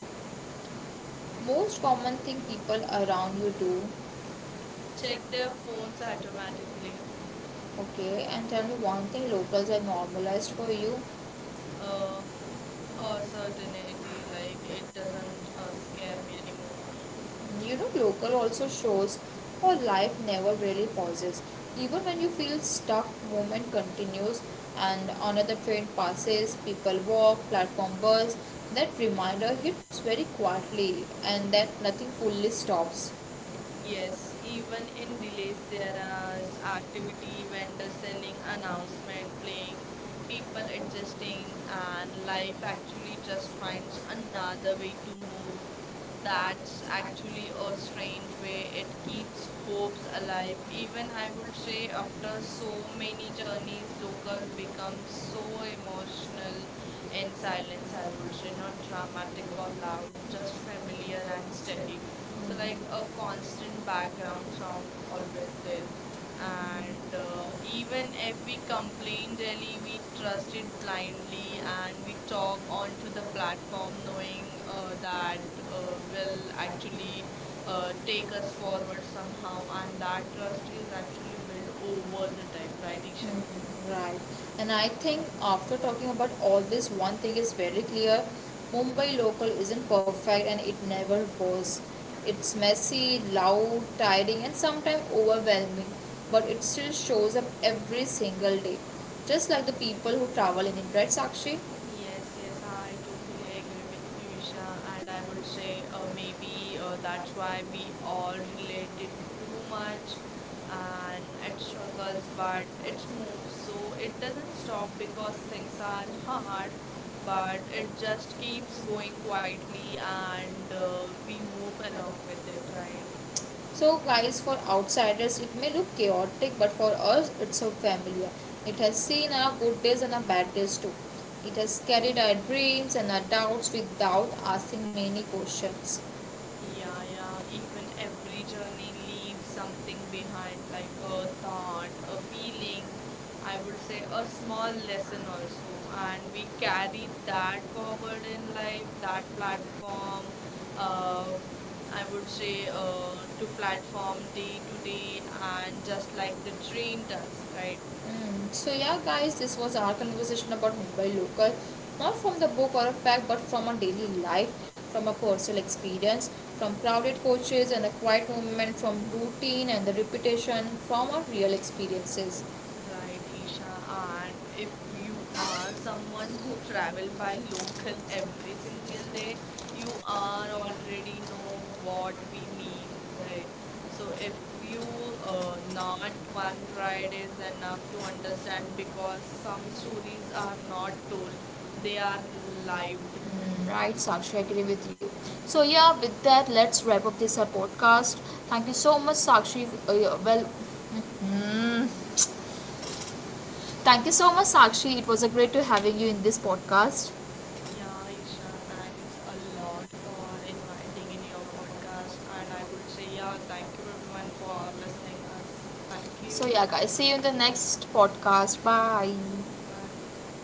Most common thing people around you do. Check their phones automatically. Okay, and tell me one thing locals have normalized for you. uh, or certainty like it doesn't scare me anymore. You know, local also shows how life never really pauses. Even when you feel stuck, movement continues, and another train passes, people walk, platform buzz. That reminder hits very quietly, and that nothing fully stops. Yes, even in delays there are activity, vendor selling, announcement playing, people adjusting, and life actually just finds another way to move. That's actually a strange way. It keeps hopes alive. Even I would say after so many journeys, local becomes so emotional Inside, in silence, I inside, would which say, is one not from like the dramatic or going on, loud, just familiar and just in steady. the mirror, So like a constant background sound always there. And um, so, even if we complain daily, we trust it blindly um, and we talk onto the platform knowing that will so, actually take us um, forward somehow. And that like, trust is actually built over the time, right, like, Isha? mm, right. And I think after talking about all this, one thing is very clear. Mumbai local isn't perfect, and it never was. It's messy, loud, tiring, and sometimes overwhelming, but it still shows up every single day. Just like the people who travel in India, right, Sakshi? Yes, yes, I totally agree with you, Isha, and I would say maybe that's why we all relate it too much and it struggles but it moves. So it doesn't stop because things are hard, but it It just just keeps feels going going like, quietly and and the uh, we move along with people it, right? that are so, guys, for outsiders, it may look chaotic, but for us, it's so familiar. It has seen our good days and our bad days too. It has carried our dreams and our doubts without asking many questions. Mm. Yeah, yeah. Even every journey leaves something behind, like a thought, a feeling, I would say a small lesson also. And we carry that forward in life, that platform, uh, I would say to platform day to day, and just like the train does, right? So yeah, guys, this was our conversation about Mumbai local, not from the book or a fact, but from our daily life, from a personal experience, from crowded coaches and the quiet movement, from routine and the repetition, from our real experiences. Right, Mm, Isha. And if you are someone who travel by local every single day, you are already know what we mean, right? So if you not one ride is enough to understand because some stories are not told, they are lived. right, Sakshi, I agree with you. So yeah, with that, let's wrap up this our podcast. Thank you so much, Sakshi. Yeah, well, mm, thank you so much, Sakshi. It was a great to having you in this podcast. Yeah, Isha, thanks a lot for inviting in your podcast. And I would say, yeah, thank you everyone for listening us. Thank you. So yeah, guys, see you in the next podcast. Bye. Bye.